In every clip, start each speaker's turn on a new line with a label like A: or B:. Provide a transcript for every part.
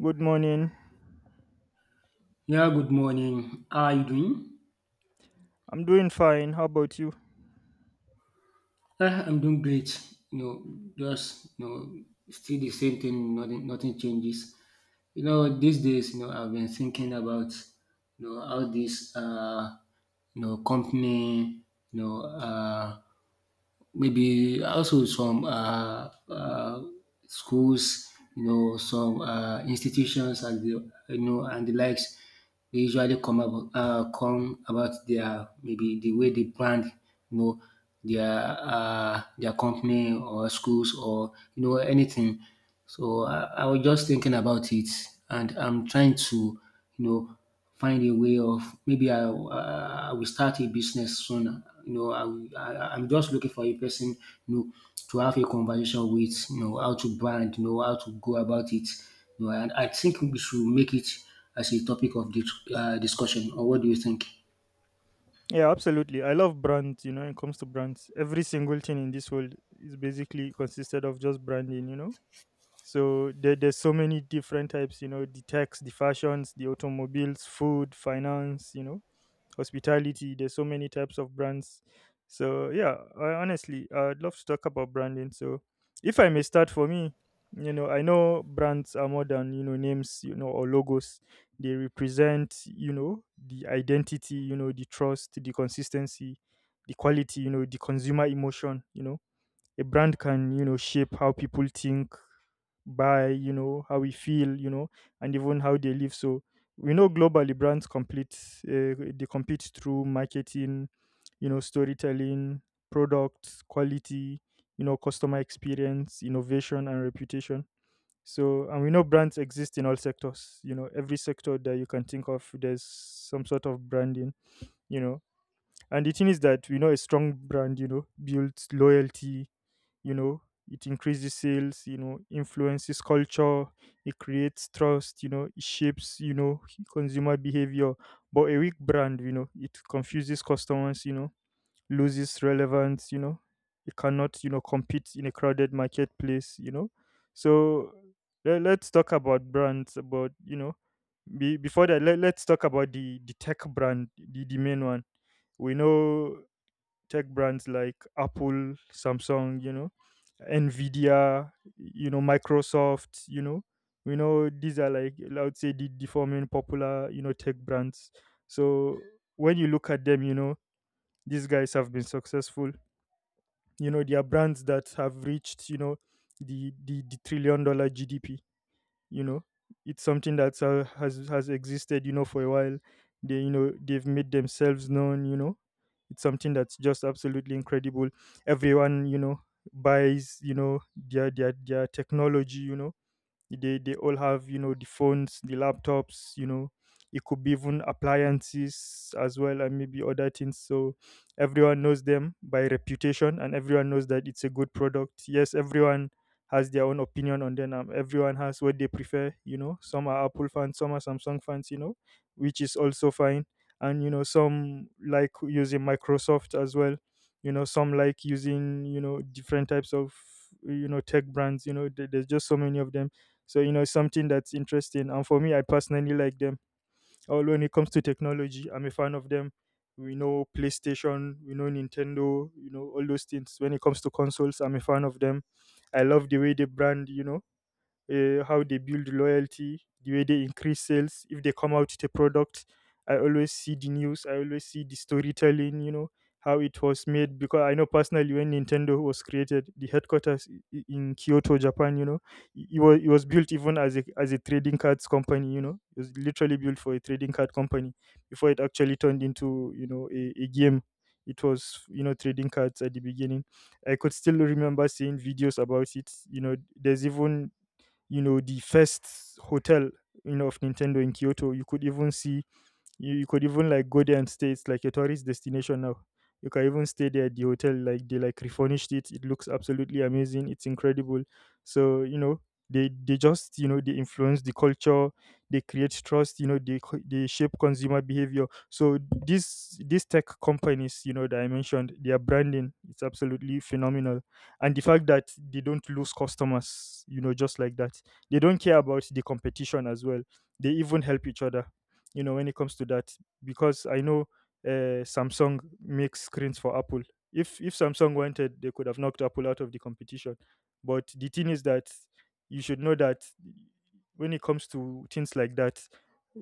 A: Good morning.
B: Yeah, good morning. How are you doing?
A: I'm doing fine. How about you?
B: I'm doing great. You know, just you know, still the same thing. Nothing changes. These days, I've been thinking about how this company maybe also some schools, some institutions and the you know and the likes. They usually come about their maybe the way they brand, you know, their company or schools or anything. So I was just thinking about it, and I'm trying to you know find a way of maybe I will start a business soon. I'm just looking for a person, you know, to have a conversation with, how to brand, how to go about it. And I think we should make it as a topic of discussion. Or what do you think?
A: Yeah, absolutely. I love brands, when it comes to brands. Every single thing in this world is basically consisted of just branding. So there's so many different types, the techs, the fashions, the automobiles, food, finance. Hospitality. There's so many types of brands. So yeah, I, honestly, I'd love to talk about branding. So if I may start for me, I know brands are more than names, or logos. They represent, the identity, the trust, the consistency, the quality, the consumer emotion. A brand can shape how people think, buy, how we feel, and even how they live. So we know globally brands complete they compete through marketing, storytelling, products quality, customer experience, innovation, and reputation. So and we know brands exist in all sectors, every sector that you can think of there's some sort of branding you know and the thing is that we know a strong brand builds loyalty, you know it increases sales, influences culture, it creates trust, it shapes, consumer behavior. But a weak brand, it confuses customers, loses relevance, it cannot, compete in a crowded marketplace so let's talk about brands about. Before that, let's talk about the tech brand, the main one we know. Tech brands like Apple, Samsung, Nvidia, Microsoft. We know these are like I would say the forming popular, tech brands. So when you look at them, these guys have been successful. They are brands that have reached, the trillion dollar GDP. you know it's something that has existed, for a while. They've made themselves known. It's something that's just absolutely incredible. Everyone buys their technology. They all have, the phones, the laptops, it could be even appliances as well, and maybe other things. So everyone knows them by reputation, and everyone knows that it's a good product. Yes, everyone has their own opinion on them. Everyone has what they prefer, some are apple fans, some are samsung fans, which is also fine. And, some like using microsoft as well. Some like using, different types of, tech brands, there's just so many of them. So, something that's interesting. And for me, I personally like them. All when it comes to technology, I'm a fan of them. We know PlayStation, we know Nintendo, all those things. When it comes to consoles, I'm a fan of them. I love the way they brand, how they build loyalty, the way they increase sales, if they come out with a product. I always see the news, I always see the storytelling, how it was made. Because I know personally when Nintendo was created, the headquarters in Kyoto, Japan, it was built even as a trading cards company, it was literally built for a trading card company before it actually turned into, a game. It was, trading cards at the beginning. I could still remember seeing videos about it. You know, there's even, the first hotel, of Nintendo in Kyoto. You could even see, you could even like go there and stay. It's like a tourist destination now. You can even stay there at the hotel. Like they like refurnished it. It looks absolutely amazing. It's incredible. So, they just, they influence the culture. They create trust. They shape consumer behavior. So these tech companies, that I mentioned, their branding it's absolutely phenomenal, and the fact that they don't lose customers. You know, just like that. They don't care about the competition as well. They even help each other, when it comes to that, because I know, samsung makes screens for apple. If samsung wanted, they could have knocked apple out of the competition. But the thing is that you should know that when it comes to things like that,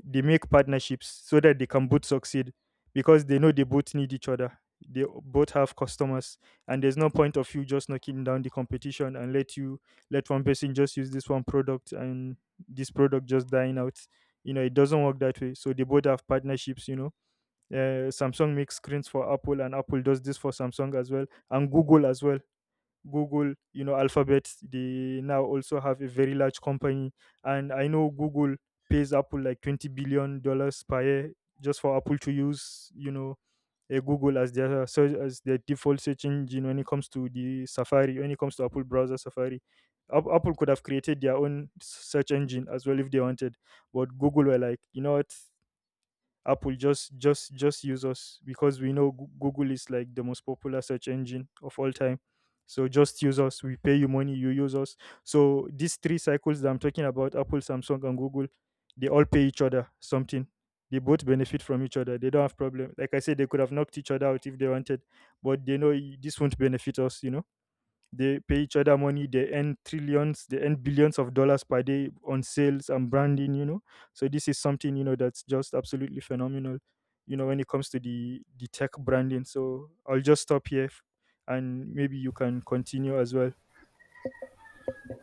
A: they make partnerships so that they can both succeed, because they know they both need each other, they both have customers. And there's no point of you just knocking down the competition and let you let one person just use this one product and this product just dying out. You know, it doesn't work that way. So they both have partnerships, samsung makes screens for apple, and apple does this for samsung as well. And google as well. Google, alphabet, they now also have a very large company. And I know google pays apple like $20 billion per year just for apple to use, a Google as their search as their default search engine, when it comes to the Safari, when it comes to Apple browser Safari. Apple could have created their own search engine as well if they wanted, but Google were like, you know what, apple just use us, because we know google is like the most popular search engine of all time. So just use us, we pay you money, you use us. So these three cycles that I'm talking about apple samsung and google, they all pay each other something. They both benefit from each other, they don't have problem, like I said, they could have knocked each other out if they wanted. But they know this won't benefit us. They pay each other money. They earn trillions. They earn billions of dollars per day on sales and branding. You know, so this is something, that's just absolutely phenomenal. You know, when it comes to the tech branding. So I'll just stop here, and maybe you can continue as well.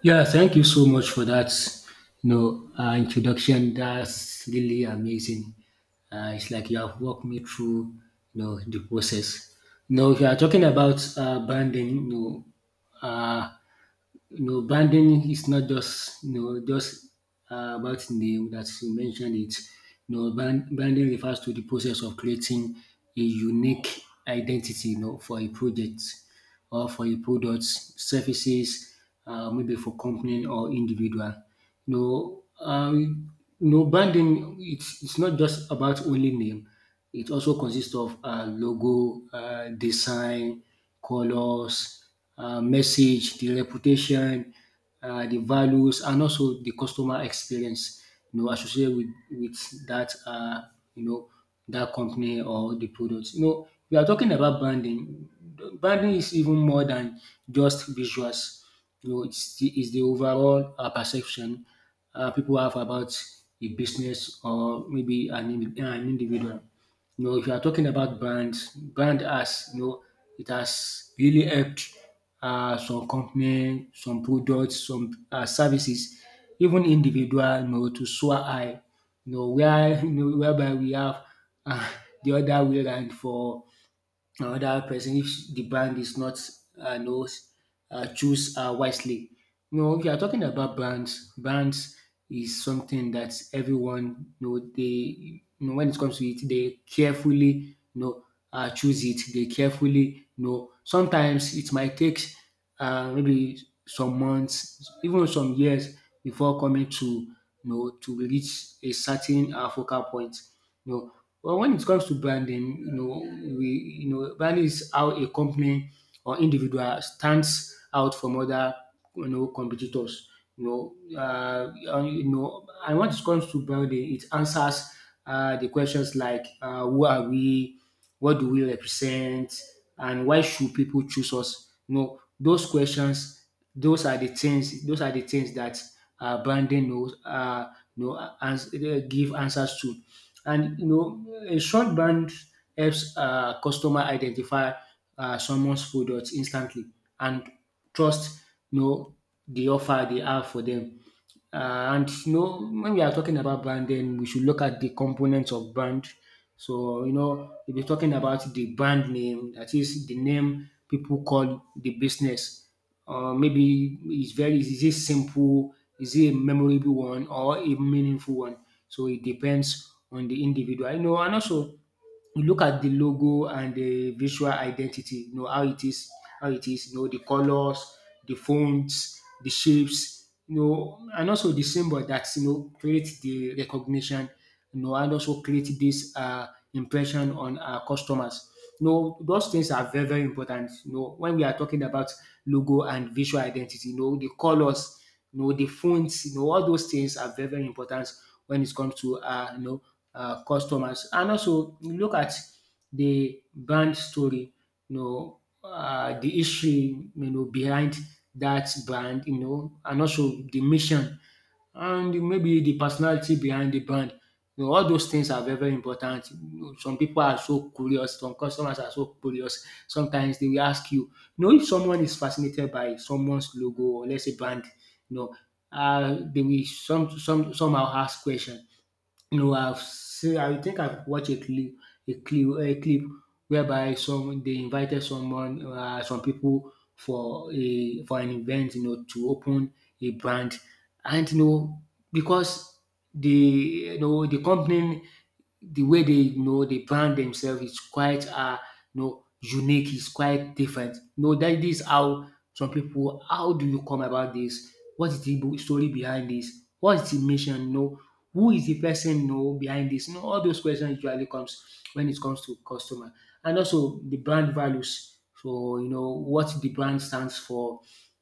B: Yeah, thank you so much for that, introduction. That's really amazing. It's like you have walked me through, the process. Now, if you are talking about branding, uh, branding is not just about name that you mentioned it. Branding refers to the process of creating a unique identity, for a project or for a product, services, maybe for company or individual. You know, um, branding it's not just about only name. It also consists of logo, design, colors, message, the reputation, the values, and also the customer experience, associated with that, you know, that company or the product. You know, we are talking about branding. Branding is even more than just visuals. It's the overall perception people have about a business or maybe an an individual. You know, if you are talking about brands, brand has it has really helped some company, some products, some services, even individual, to soar high. You know, where you know, whereby we have uh, the other way around for another person if the brand is not knows choose wisely. No, if you are talking about brands, brands is something that everyone know they when it comes to it, they carefully you know choose it. They carefully, you know. Sometimes it might take maybe some months, even some years before coming to to reach a certain focal point. You know, but when it comes to branding, you know, we you know branding is how a company or individual stands out from other competitors. And when it comes to branding, it answers the questions like who are we, what do we represent? And why should people choose us? You know, those questions, those are the things that branding knows, give answers to. And you know, a short brand helps customer identify someone's product instantly and trust, you know, the offer they have for them. And you know, when we are talking about brand, then we should look at the components of brand. So, you know, if you're talking about the brand name, that is the name people call the business. Maybe it's very, is it simple, is it a memorable one, or a meaningful one? So it depends on the individual. You know, and also you look at the logo and the visual identity, how it is, you know, the colors, the fonts, the shapes, you know, and also the symbol that, you know, create the recognition, you know, and also create this impression on our customers. You know, those things are very, very important. You know, when we are talking about logo and visual identity, you know, the colors, you know, the fonts, you know, all those things are very, very important when it comes to, customers. And also you look at the brand story, the history, you know, behind that brand, you know, and also the mission and maybe the personality behind the brand. You know, all those things are very, very important. You know, some people are so curious, some customers are so curious. Sometimes they will ask you. You know, if someone is fascinated by someone's logo or let's say brand, you know, they will some somehow ask questions. No, I've seen. I think I've watched a clip, a clip whereby some they invited someone, some people for a for an event, you know, to open a brand, and you know because the you know the company, the way they, you know, they brand themselves is quite unique, is quite different. You know that is how some people. How do you come about this? What is the story behind this? What is the mission? You know, who is the person, you know, behind this? You know, all those questions usually comes when it comes to customer. And also the brand values. So, you know, what the brand stands for.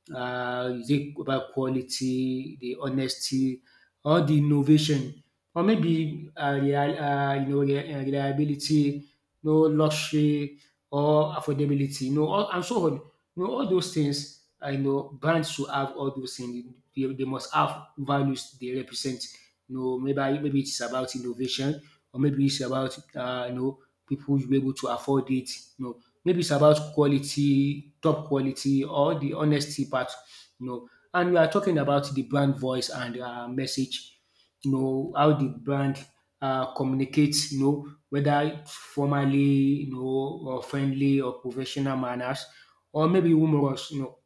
B: Is it about quality, the honesty, or the innovation? Or maybe real, you know, re- reliability, no luxury or affordability, you know, all, and so on. You know, all those things, I know brands should have all those things. They must have values they represent. You know, maybe it's about innovation, or maybe it's about people should be able to afford it. You know, maybe it's about quality, top quality, or the honesty part. You know, and we are talking about the brand voice and message. You know how the brand communicates. You know, whether formally, you know, or friendly or professional manners, or maybe humorous. You know,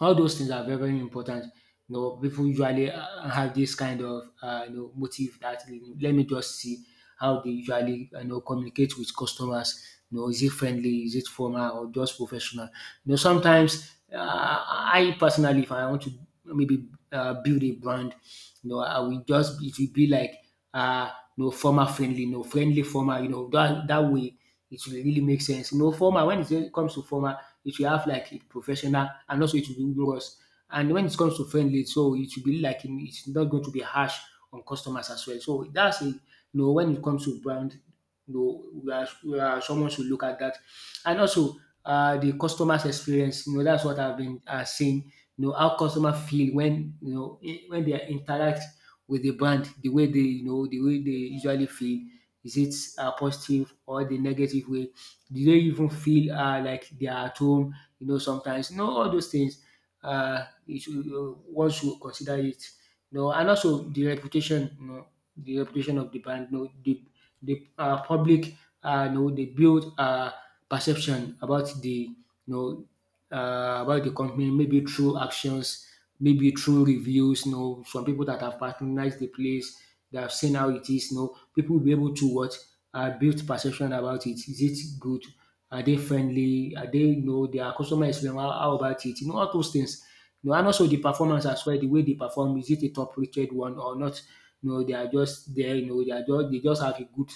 B: all those things are very, very important. You know, people usually have this kind of motive that, you know, let me just see how they usually, you know, communicate with customers. You know, is it friendly, is it formal or just professional? You know, sometimes, I personally, if I want to maybe build a brand, you know, I will just it will be like uh, former friendly, you know, friendly former, you know, that that way it will really make sense. You know, former when it comes to former, it will have like a professional and also it will be rigorous. And when it comes to friendly, so it will be like it's not going to be harsh on customers as well. So that's a you know when it comes to brand. No, we are, someone should look at that. And also, the customer's experience. You know, that's what I've been saying. You know, how customer feel when when they interact with the brand, the way they, the way they usually feel. Is it positive or the negative way? Do they even feel like they are at home? You know, sometimes you know all those things it you one should consider it. You know, and also the reputation, you know, the reputation of the brand, you know, the public, you know, they build perception about the, you know, about the company, maybe through actions, maybe through reviews, you know, some people that have patronized the place, that have seen how it is, you know, people will be able to what build perception about it. Is it good? Are they friendly? Are they, you know, their customer experience? How about it? You know, all those things. You know, and also the performance as well, the way they perform, is it a top rated one or not? You know, they are just there, you know, they are just they just have a good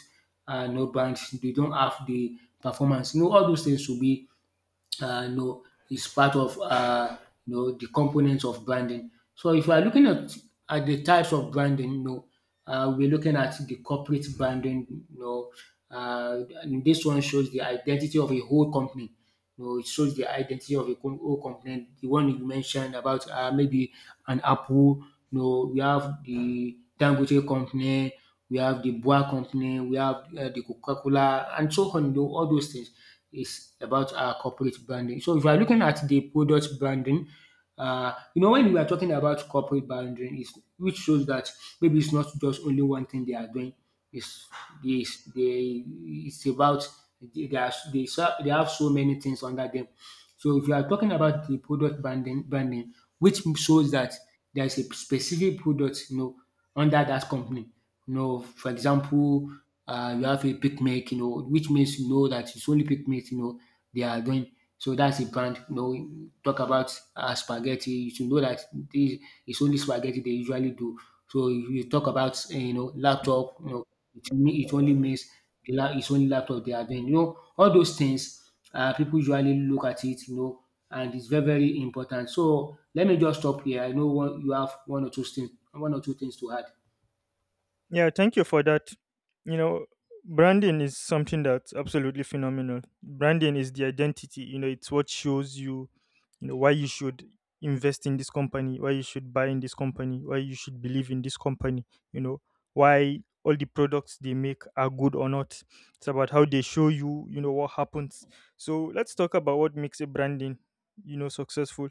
B: no band, they don't have the performance. You know, all those things will be uh, you know, is part of the components of branding. So if you are looking at the types of branding, you know, we're looking at the corporate branding. You know, and this one shows the identity of a whole company. You know, it shows the identity of a whole company. The one you mentioned about maybe an Apple. You know, we have the Dangote company, we have the Boa Company, we have the Coca-Cola, and so on. Though all those things is about our corporate branding. So if you are looking at the product branding, when we are talking about corporate branding, is which shows that maybe it's not just only one thing they are doing. It's this they it's about they, are, they ser- they have so many things under them. So if you are talking about the product branding, which shows that there is a specific product under that company, for example, you have a picnic, which means you know that it's only picnic, they are doing. So that's a brand. Talk about spaghetti. You should know that this is only spaghetti they usually do. So if you talk about laptop, it only means it's only laptop they are doing. All those things, people usually look at it, and it's very very important. So let me just stop here. I know you have one or two things, to add.
A: Yeah, thank you for that. You know, branding is something that's absolutely phenomenal. Branding is the identity, it's what shows you, why you should invest in this company, why you should buy in this company, why you should believe in this company, you know, why all the products they make are good or not. It's about how they show you, what happens. So let's talk about what makes a branding, successful.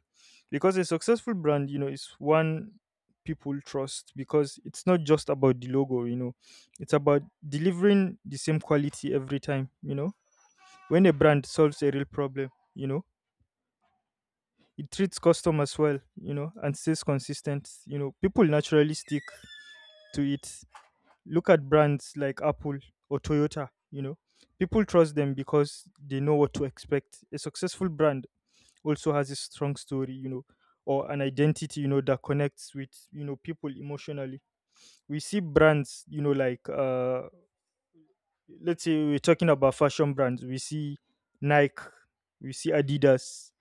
A: Because a successful brand, is one people trust because it's not just about the logo, it's about delivering the same quality every time. When a brand solves a real problem, you know, it treats customers well, and stays consistent, people naturally stick to it. Look at brands like Apple or Toyota, people trust them because they know what to expect. A successful brand also has a strong story, or an identity, that connects with, people emotionally. We see brands, like let's say we're talking about fashion brands, we see nike, we see adidas.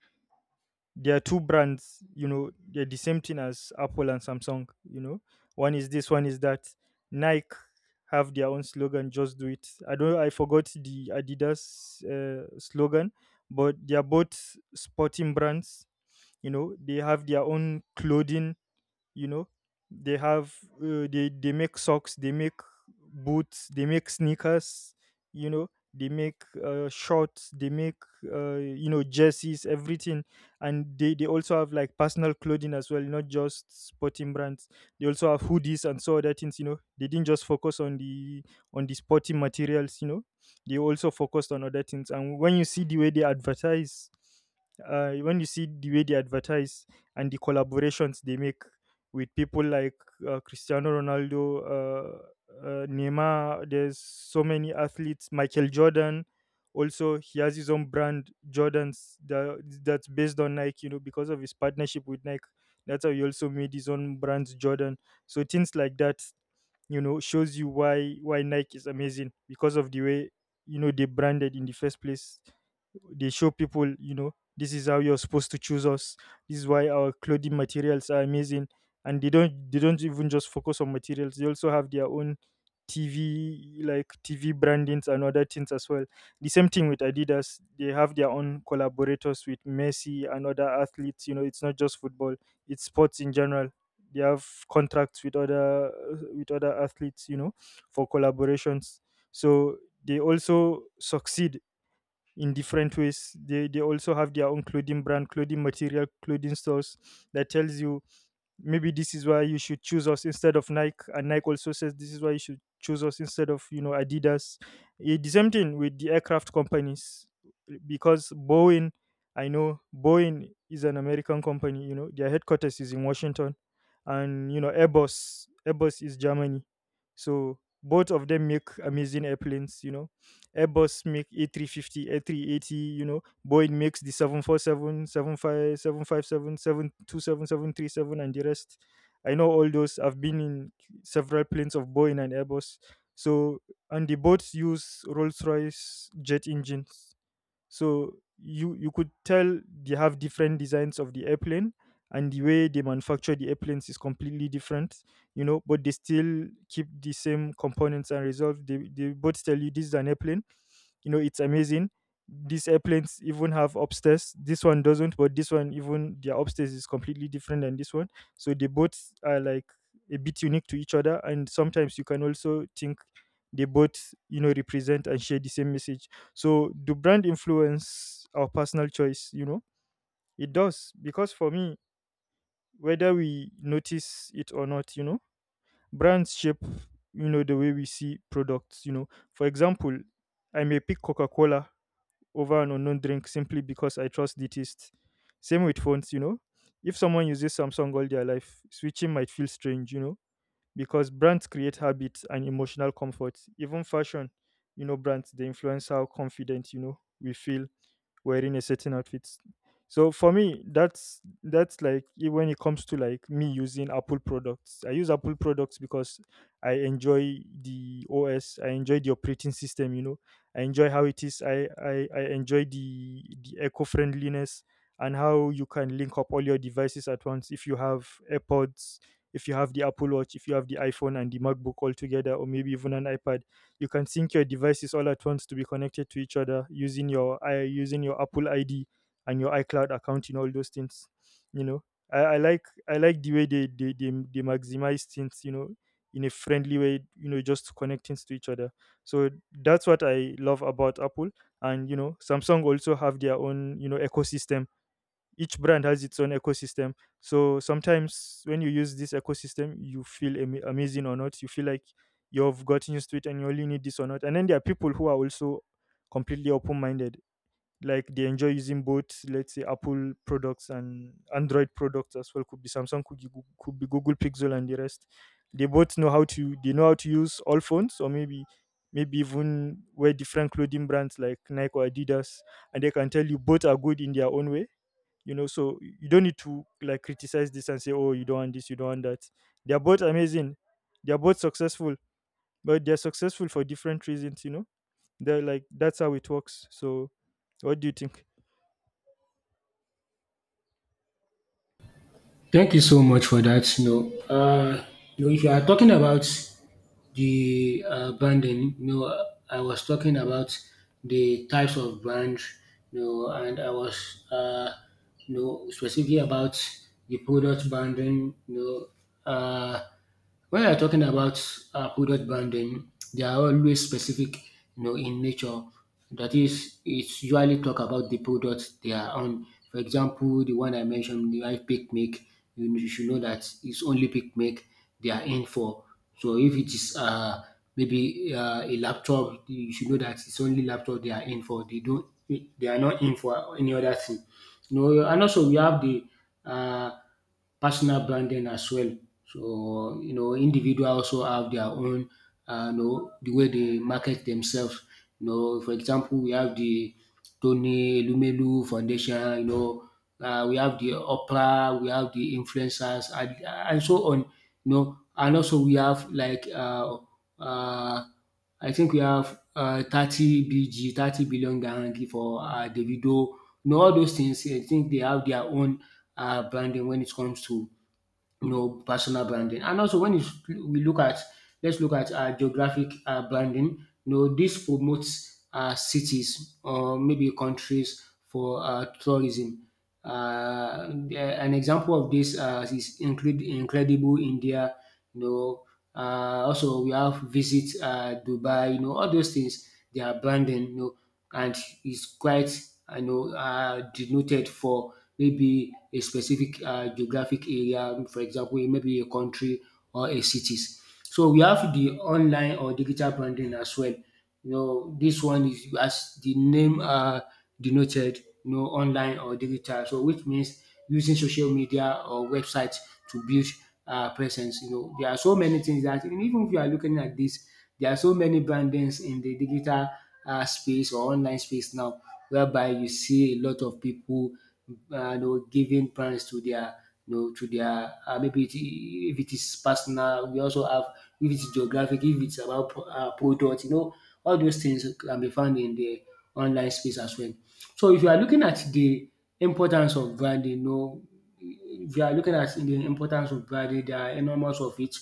A: They are two brands, they're the same thing as apple and samsung, one is this one is that. Nike have their own slogan just do it. I don't, I forgot the adidas slogan, but they are both sporting brands. You know, they have their own clothing. you know they have they make socks, they make boots, they make sneakers, they make shorts, they make jerseys, everything. And they also have like personal clothing as well, not just sporting brands. They also have hoodies and so other things, they didn't just focus on the sporting materials. They also focused on other things. And when you see the way they advertise, when you see the way they advertise and the collaborations they make with people like Cristiano Ronaldo, Neymar. There's so many athletes. Michael Jordan, also he has his own brand Jordans that that's based on Nike. You know, because of his partnership with Nike, that's how he also made his own brands Jordan. So things like that, shows you why Nike is amazing because of the way, they branded in the first place. They show people, this is how you're supposed to choose us. This is why our clothing materials are amazing and they don't even just focus on materials. They also have their own tv, tv brandings and other things as well. The same thing with Adidas: they have their own collaborators with Messi and other athletes. You know, it's not just football, it's sports in general. They have contracts with other, athletes, you know, for collaborations. So they also succeed in different ways. They also have their own clothing brand, clothing material, clothing stores, that tells you maybe this is why you should choose us instead of Nike. And Nike also says this is why you should choose us instead of, you know, Adidas. The same thing with the aircraft companies, because Boeing, I know Boeing is an American company, you know, their headquarters is in Washington. And, you know, Airbus is Germany. So both of them make amazing airplanes, you know. Airbus make A350, A380, you know, Boeing makes the 747, 75, 757, 727, 737, and the rest. I know all those. I've been in several planes of Boeing and Airbus. So, and the boats use Rolls Royce jet engines, so you could tell they have different designs of the airplane, and the way they manufacture the airplanes is completely different, you know, but they still keep the same components and resolve. They both tell you this is an airplane. You know, it's amazing. These airplanes even have upstairs, this one doesn't, but this one, even their upstairs is completely different than this one. So they both are like a bit unique to each other, and sometimes you can also think they both, you know, represent and share the same message. So do brand influence our personal choice, you know? It does, because for me, whether we notice it or not, you know, brands shape, you know, the way we see products, you know. For example, I may pick Coca-Cola over an unknown drink simply because I trust the taste. Same with phones, you know. If someone uses Samsung all their life, switching might feel strange, you know, because brands create habits and emotional comfort. Even fashion, you know, brands, they influence how confident, you know, we feel wearing a certain outfit. So for me, that's like when it comes to like me using Apple products. I use Apple products because I enjoy the OS. I enjoy the operating system. You know, I enjoy how it is. I enjoy the eco friendliness and how you can link up all your devices at once if you have AirPods, if you have the Apple Watch, if you have the iPhone and the MacBook all together, or maybe even an iPad. You can sync your devices all at once to be connected to each other using your I using your Apple ID and your iCloud account and all those things. You know, I like the way they maximize things. You know, in a friendly way. You know, just connecting to each other. So that's what I love about Apple. And you know, Samsung also have their own, you know, ecosystem. Each brand has its own ecosystem. So sometimes when you use this ecosystem you feel amazing or not, you feel like you've gotten used to it and you only need this or not. And then there are people who are also completely open-minded, like they enjoy using both, let's say Apple products and Android products as well. Could be Samsung, could be Google Pixel and the rest. They know how to use all phones, or maybe maybe even wear different clothing brands like Nike or Adidas, and they can tell you both are good in their own way. You know, so you don't need to like criticize this and say, oh, you don't want this, you don't want that. They're both amazing, they're both successful, but they're successful for different reasons, you know. They're like, that's how it works. So what do you think?
B: Thank you so much for that. If you are talking about the branding, I was talking about the types of brand, and I was, you know, specifically about the product branding, know, uh, when you're talking about product branding, they are always specific, in nature. That is, it's usually talk about the products they are on. For example, the one I mentioned, the right pick make, you should know that it's only pick make they are in for. So if it is maybe a laptop, you should know that it's only laptop they are in for. They are not in for any other thing. No, and also we have the uh, personal branding as well. So, individual also have their own, the way they market themselves. For example, we have the Tony Lumelu Foundation. We have the Oprah, we have the influencers, and so on. You know, and also we have like uh, I think we have 30 BG, 30 billion guarantee for Davido. You know all those things I think they have their own branding when it comes to personal branding. And also, let's look at geographic branding. This promotes cities or maybe countries for tourism. An example of this is include incredible India. You know, also we have visit Dubai. All those things they are branding. And is quite denoted for maybe a specific geographic area, for example, maybe a country or a cities. So we have the online or digital branding as well. This one is as the name denoted, online or digital. So which means using social media or websites to build presence. There are so many things that and even if you are looking at this, there are so many brandings in the digital space or online space now, whereby you see a lot of people giving parents to their maybe it, if it is personal, we also have if it's geographic, if it's about product, all those things can be found in the online space as well. So if you are looking at the importance of branding, you know, if you are looking at the importance of branding, there are enormous of it.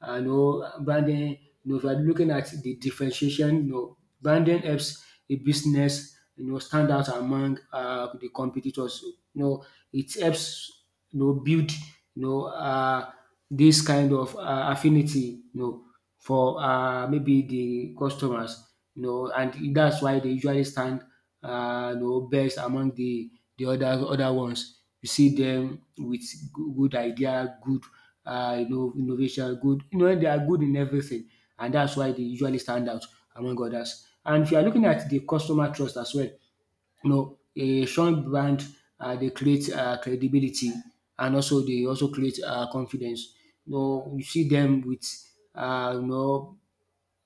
B: And branding, if you are looking at the differentiation, branding helps a business, stand out among the competitors. You know, it helps, build, this kind of affinity, for maybe the customers, and that's why they usually stand best among the other ones. You see them with good idea, good innovation, good you know they are good in everything, and that's why they usually stand out among others. And if you are looking at the customer trust as well, a strong brand they create credibility and also they also create confidence. You see them with uh, you know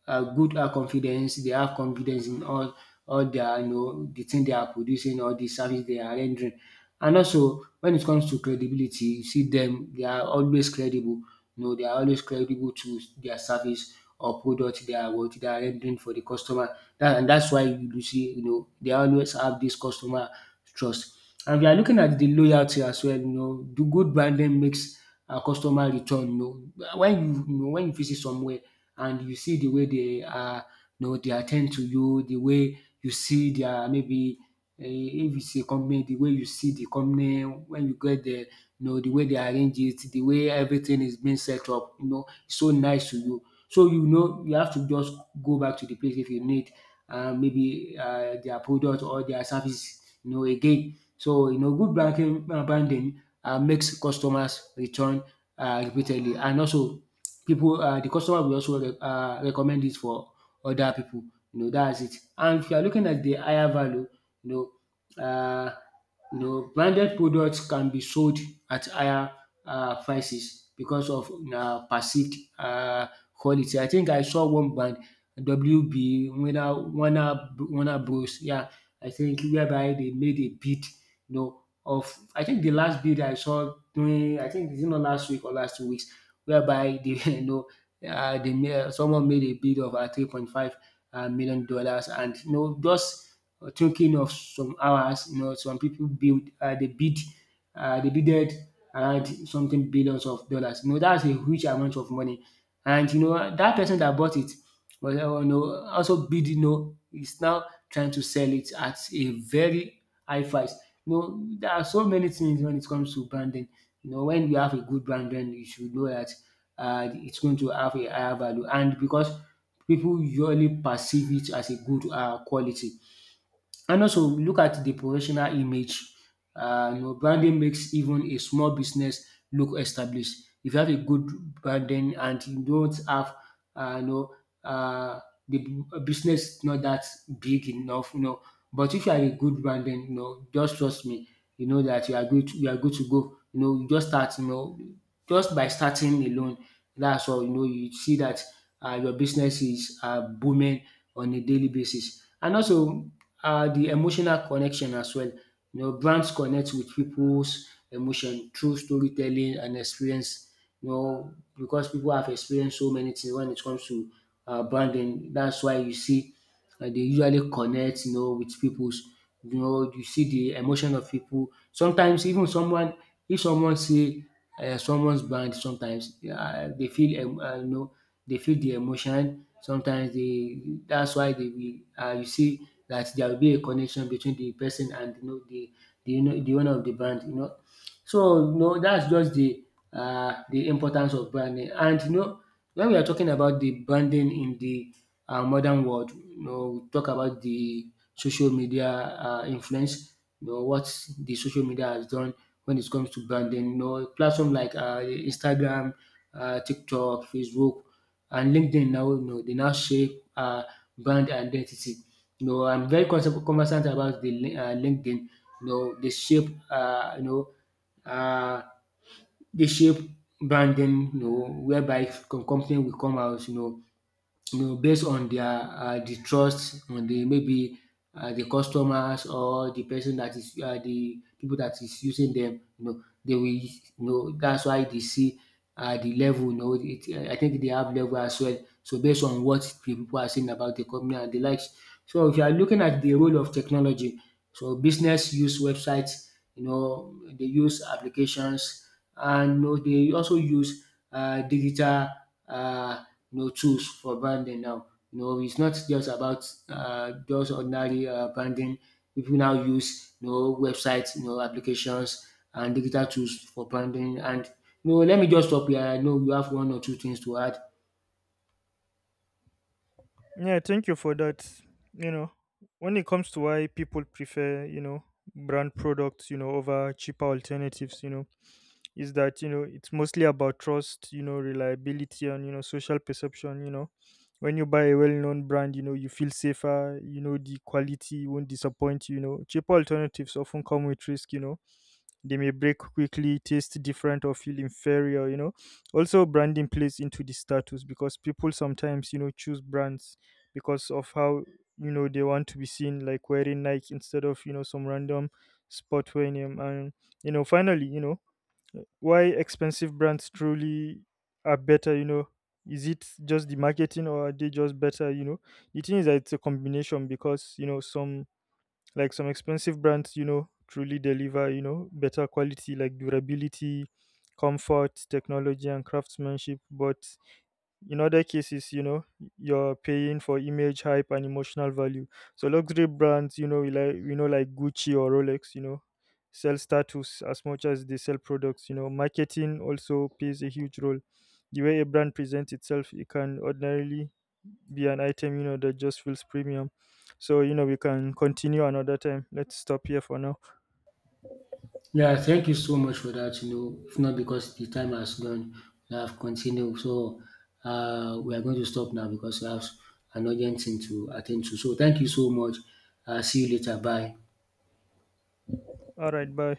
B: good confidence. They have confidence in all their the thing they are producing or the service they are rendering. And also when it comes to credibility, you see them they are always credible. They are always credible to their service or product they are what they are rendering for the customer. And that's why you do see they always have this customer trust. And we are looking at the loyalty as well. The good branding makes a customer return. When you visit somewhere and you see the way they are they at ten d to you, the way you see their maybe if it's a company, the way you see the company when you get there, the way they arrange it, the way everything is being set up, it's so nice to you. So you have to just go back to the place if you need maybe their product or their service again. So good banking branding makes customers return repeatedly and also people the customer will also recommend it for other people. That's it. And if you are looking at the higher value, you know. Uh, branded products can be sold at higher prices because of perceived quality. I think I saw one brand WB Winner Warner Warner Warner Bros. Yeah, I think whereby they made a bid of I think the last bid I saw during I think is it not last week or last 2 weeks whereby they they made someone made a bid of three point five million dollars and you know just thinking of some hours. Some people build they bidded around something billions of dollars. That's a huge amount of money. And that person that bought it was also is now trying to sell it at a very high price. There are so many things when it comes to branding. When you have a good brand, then you should know that it's going to have a higher value. And because people usually perceive it as a good quality. And also look at the professional image. Branding makes even a small business look established. If you have a good branding and you don't have um you know um the business not that big enough, But if you are a good branding, just trust me, that you are good to go. You just start, just by starting alone, that's all, you see that your business is booming on a daily basis. And also the emotional connection as well. Brands connect with people's emotion through storytelling and experience. Because people have experienced so many things when it comes to branding. That's why you see dey usually connect with pipus. You see de emotion of pipu. Sometimes even someone if someone see someone's band, sometimes dey feel dey feel de emotion. Sometimes dey dats why dey will you see dat there will be a connection between de person and de owner of de band So, that's just the the importance of branding. And when we are talking about the branding in the modern world, we talk about the social media influence, what the social media has done when it comes to branding. Platform like Instagram, TikTok, Facebook and LinkedIn now, they now shape brand identity. I'm very conversant about the LinkedIn. They shape uh, dey shape branding whereby company will come out based on their the trust on the maybe the customers or the person that is the people that is using them. You know, they will. You know, that's why they see the level. I think they have level as well. So based on what the people are saying about the company and the likes. So if you are looking at the role of technology, so business use websites. They use applications and they also use digital uh, tools for branding now. It's not just about just ordinary branding. People now use websites, applications and digital tools for branding. And let me just stop here. I know you have one or two things to add.
A: Yeah, thank you for that. You know, when it comes to why people prefer, you know, brand products, you know, over cheaper alternatives, you know, is that, you know, it's mostly about trust, you know, reliability, and, you know, social perception. You know, when you buy a well-known brand, you know, you feel safer, you know, the quality won't disappoint you. You know, cheaper alternatives often come with risk, you know, they may break quickly, taste different, or feel inferior, you know. Also, branding plays into the status, because people sometimes, you know, choose brands because of how, you know, they want to be seen, like wearing Nike instead of, you know, some random sport wearing name. And, you know, finally, you know, why expensive brands truly are better, you know, is it just the marketing, or are they just better, you know? The thing is that it's a combination, because, you know, some, like some expensive brands, you know, truly deliver, you know, better quality, like durability, comfort, technology, and craftsmanship, but in other cases, you know, you're paying for image, hype, and emotional value. So luxury brands, you know, we like, you know, like Gucci or Rolex, you know, sell status as much as they sell products. You know, marketing also plays a huge role. The way a brand presents itself, it can ordinarily be an item, you know, that just feels premium. So you know, we can continue another time. Let's stop here for now.
B: Yeah, thank you so much for that. If not because the time has gone, we have continued. So we are going to stop now because we have an urgent thing to attend to. So thank you so much. See you later. Bye.
A: All right, bye.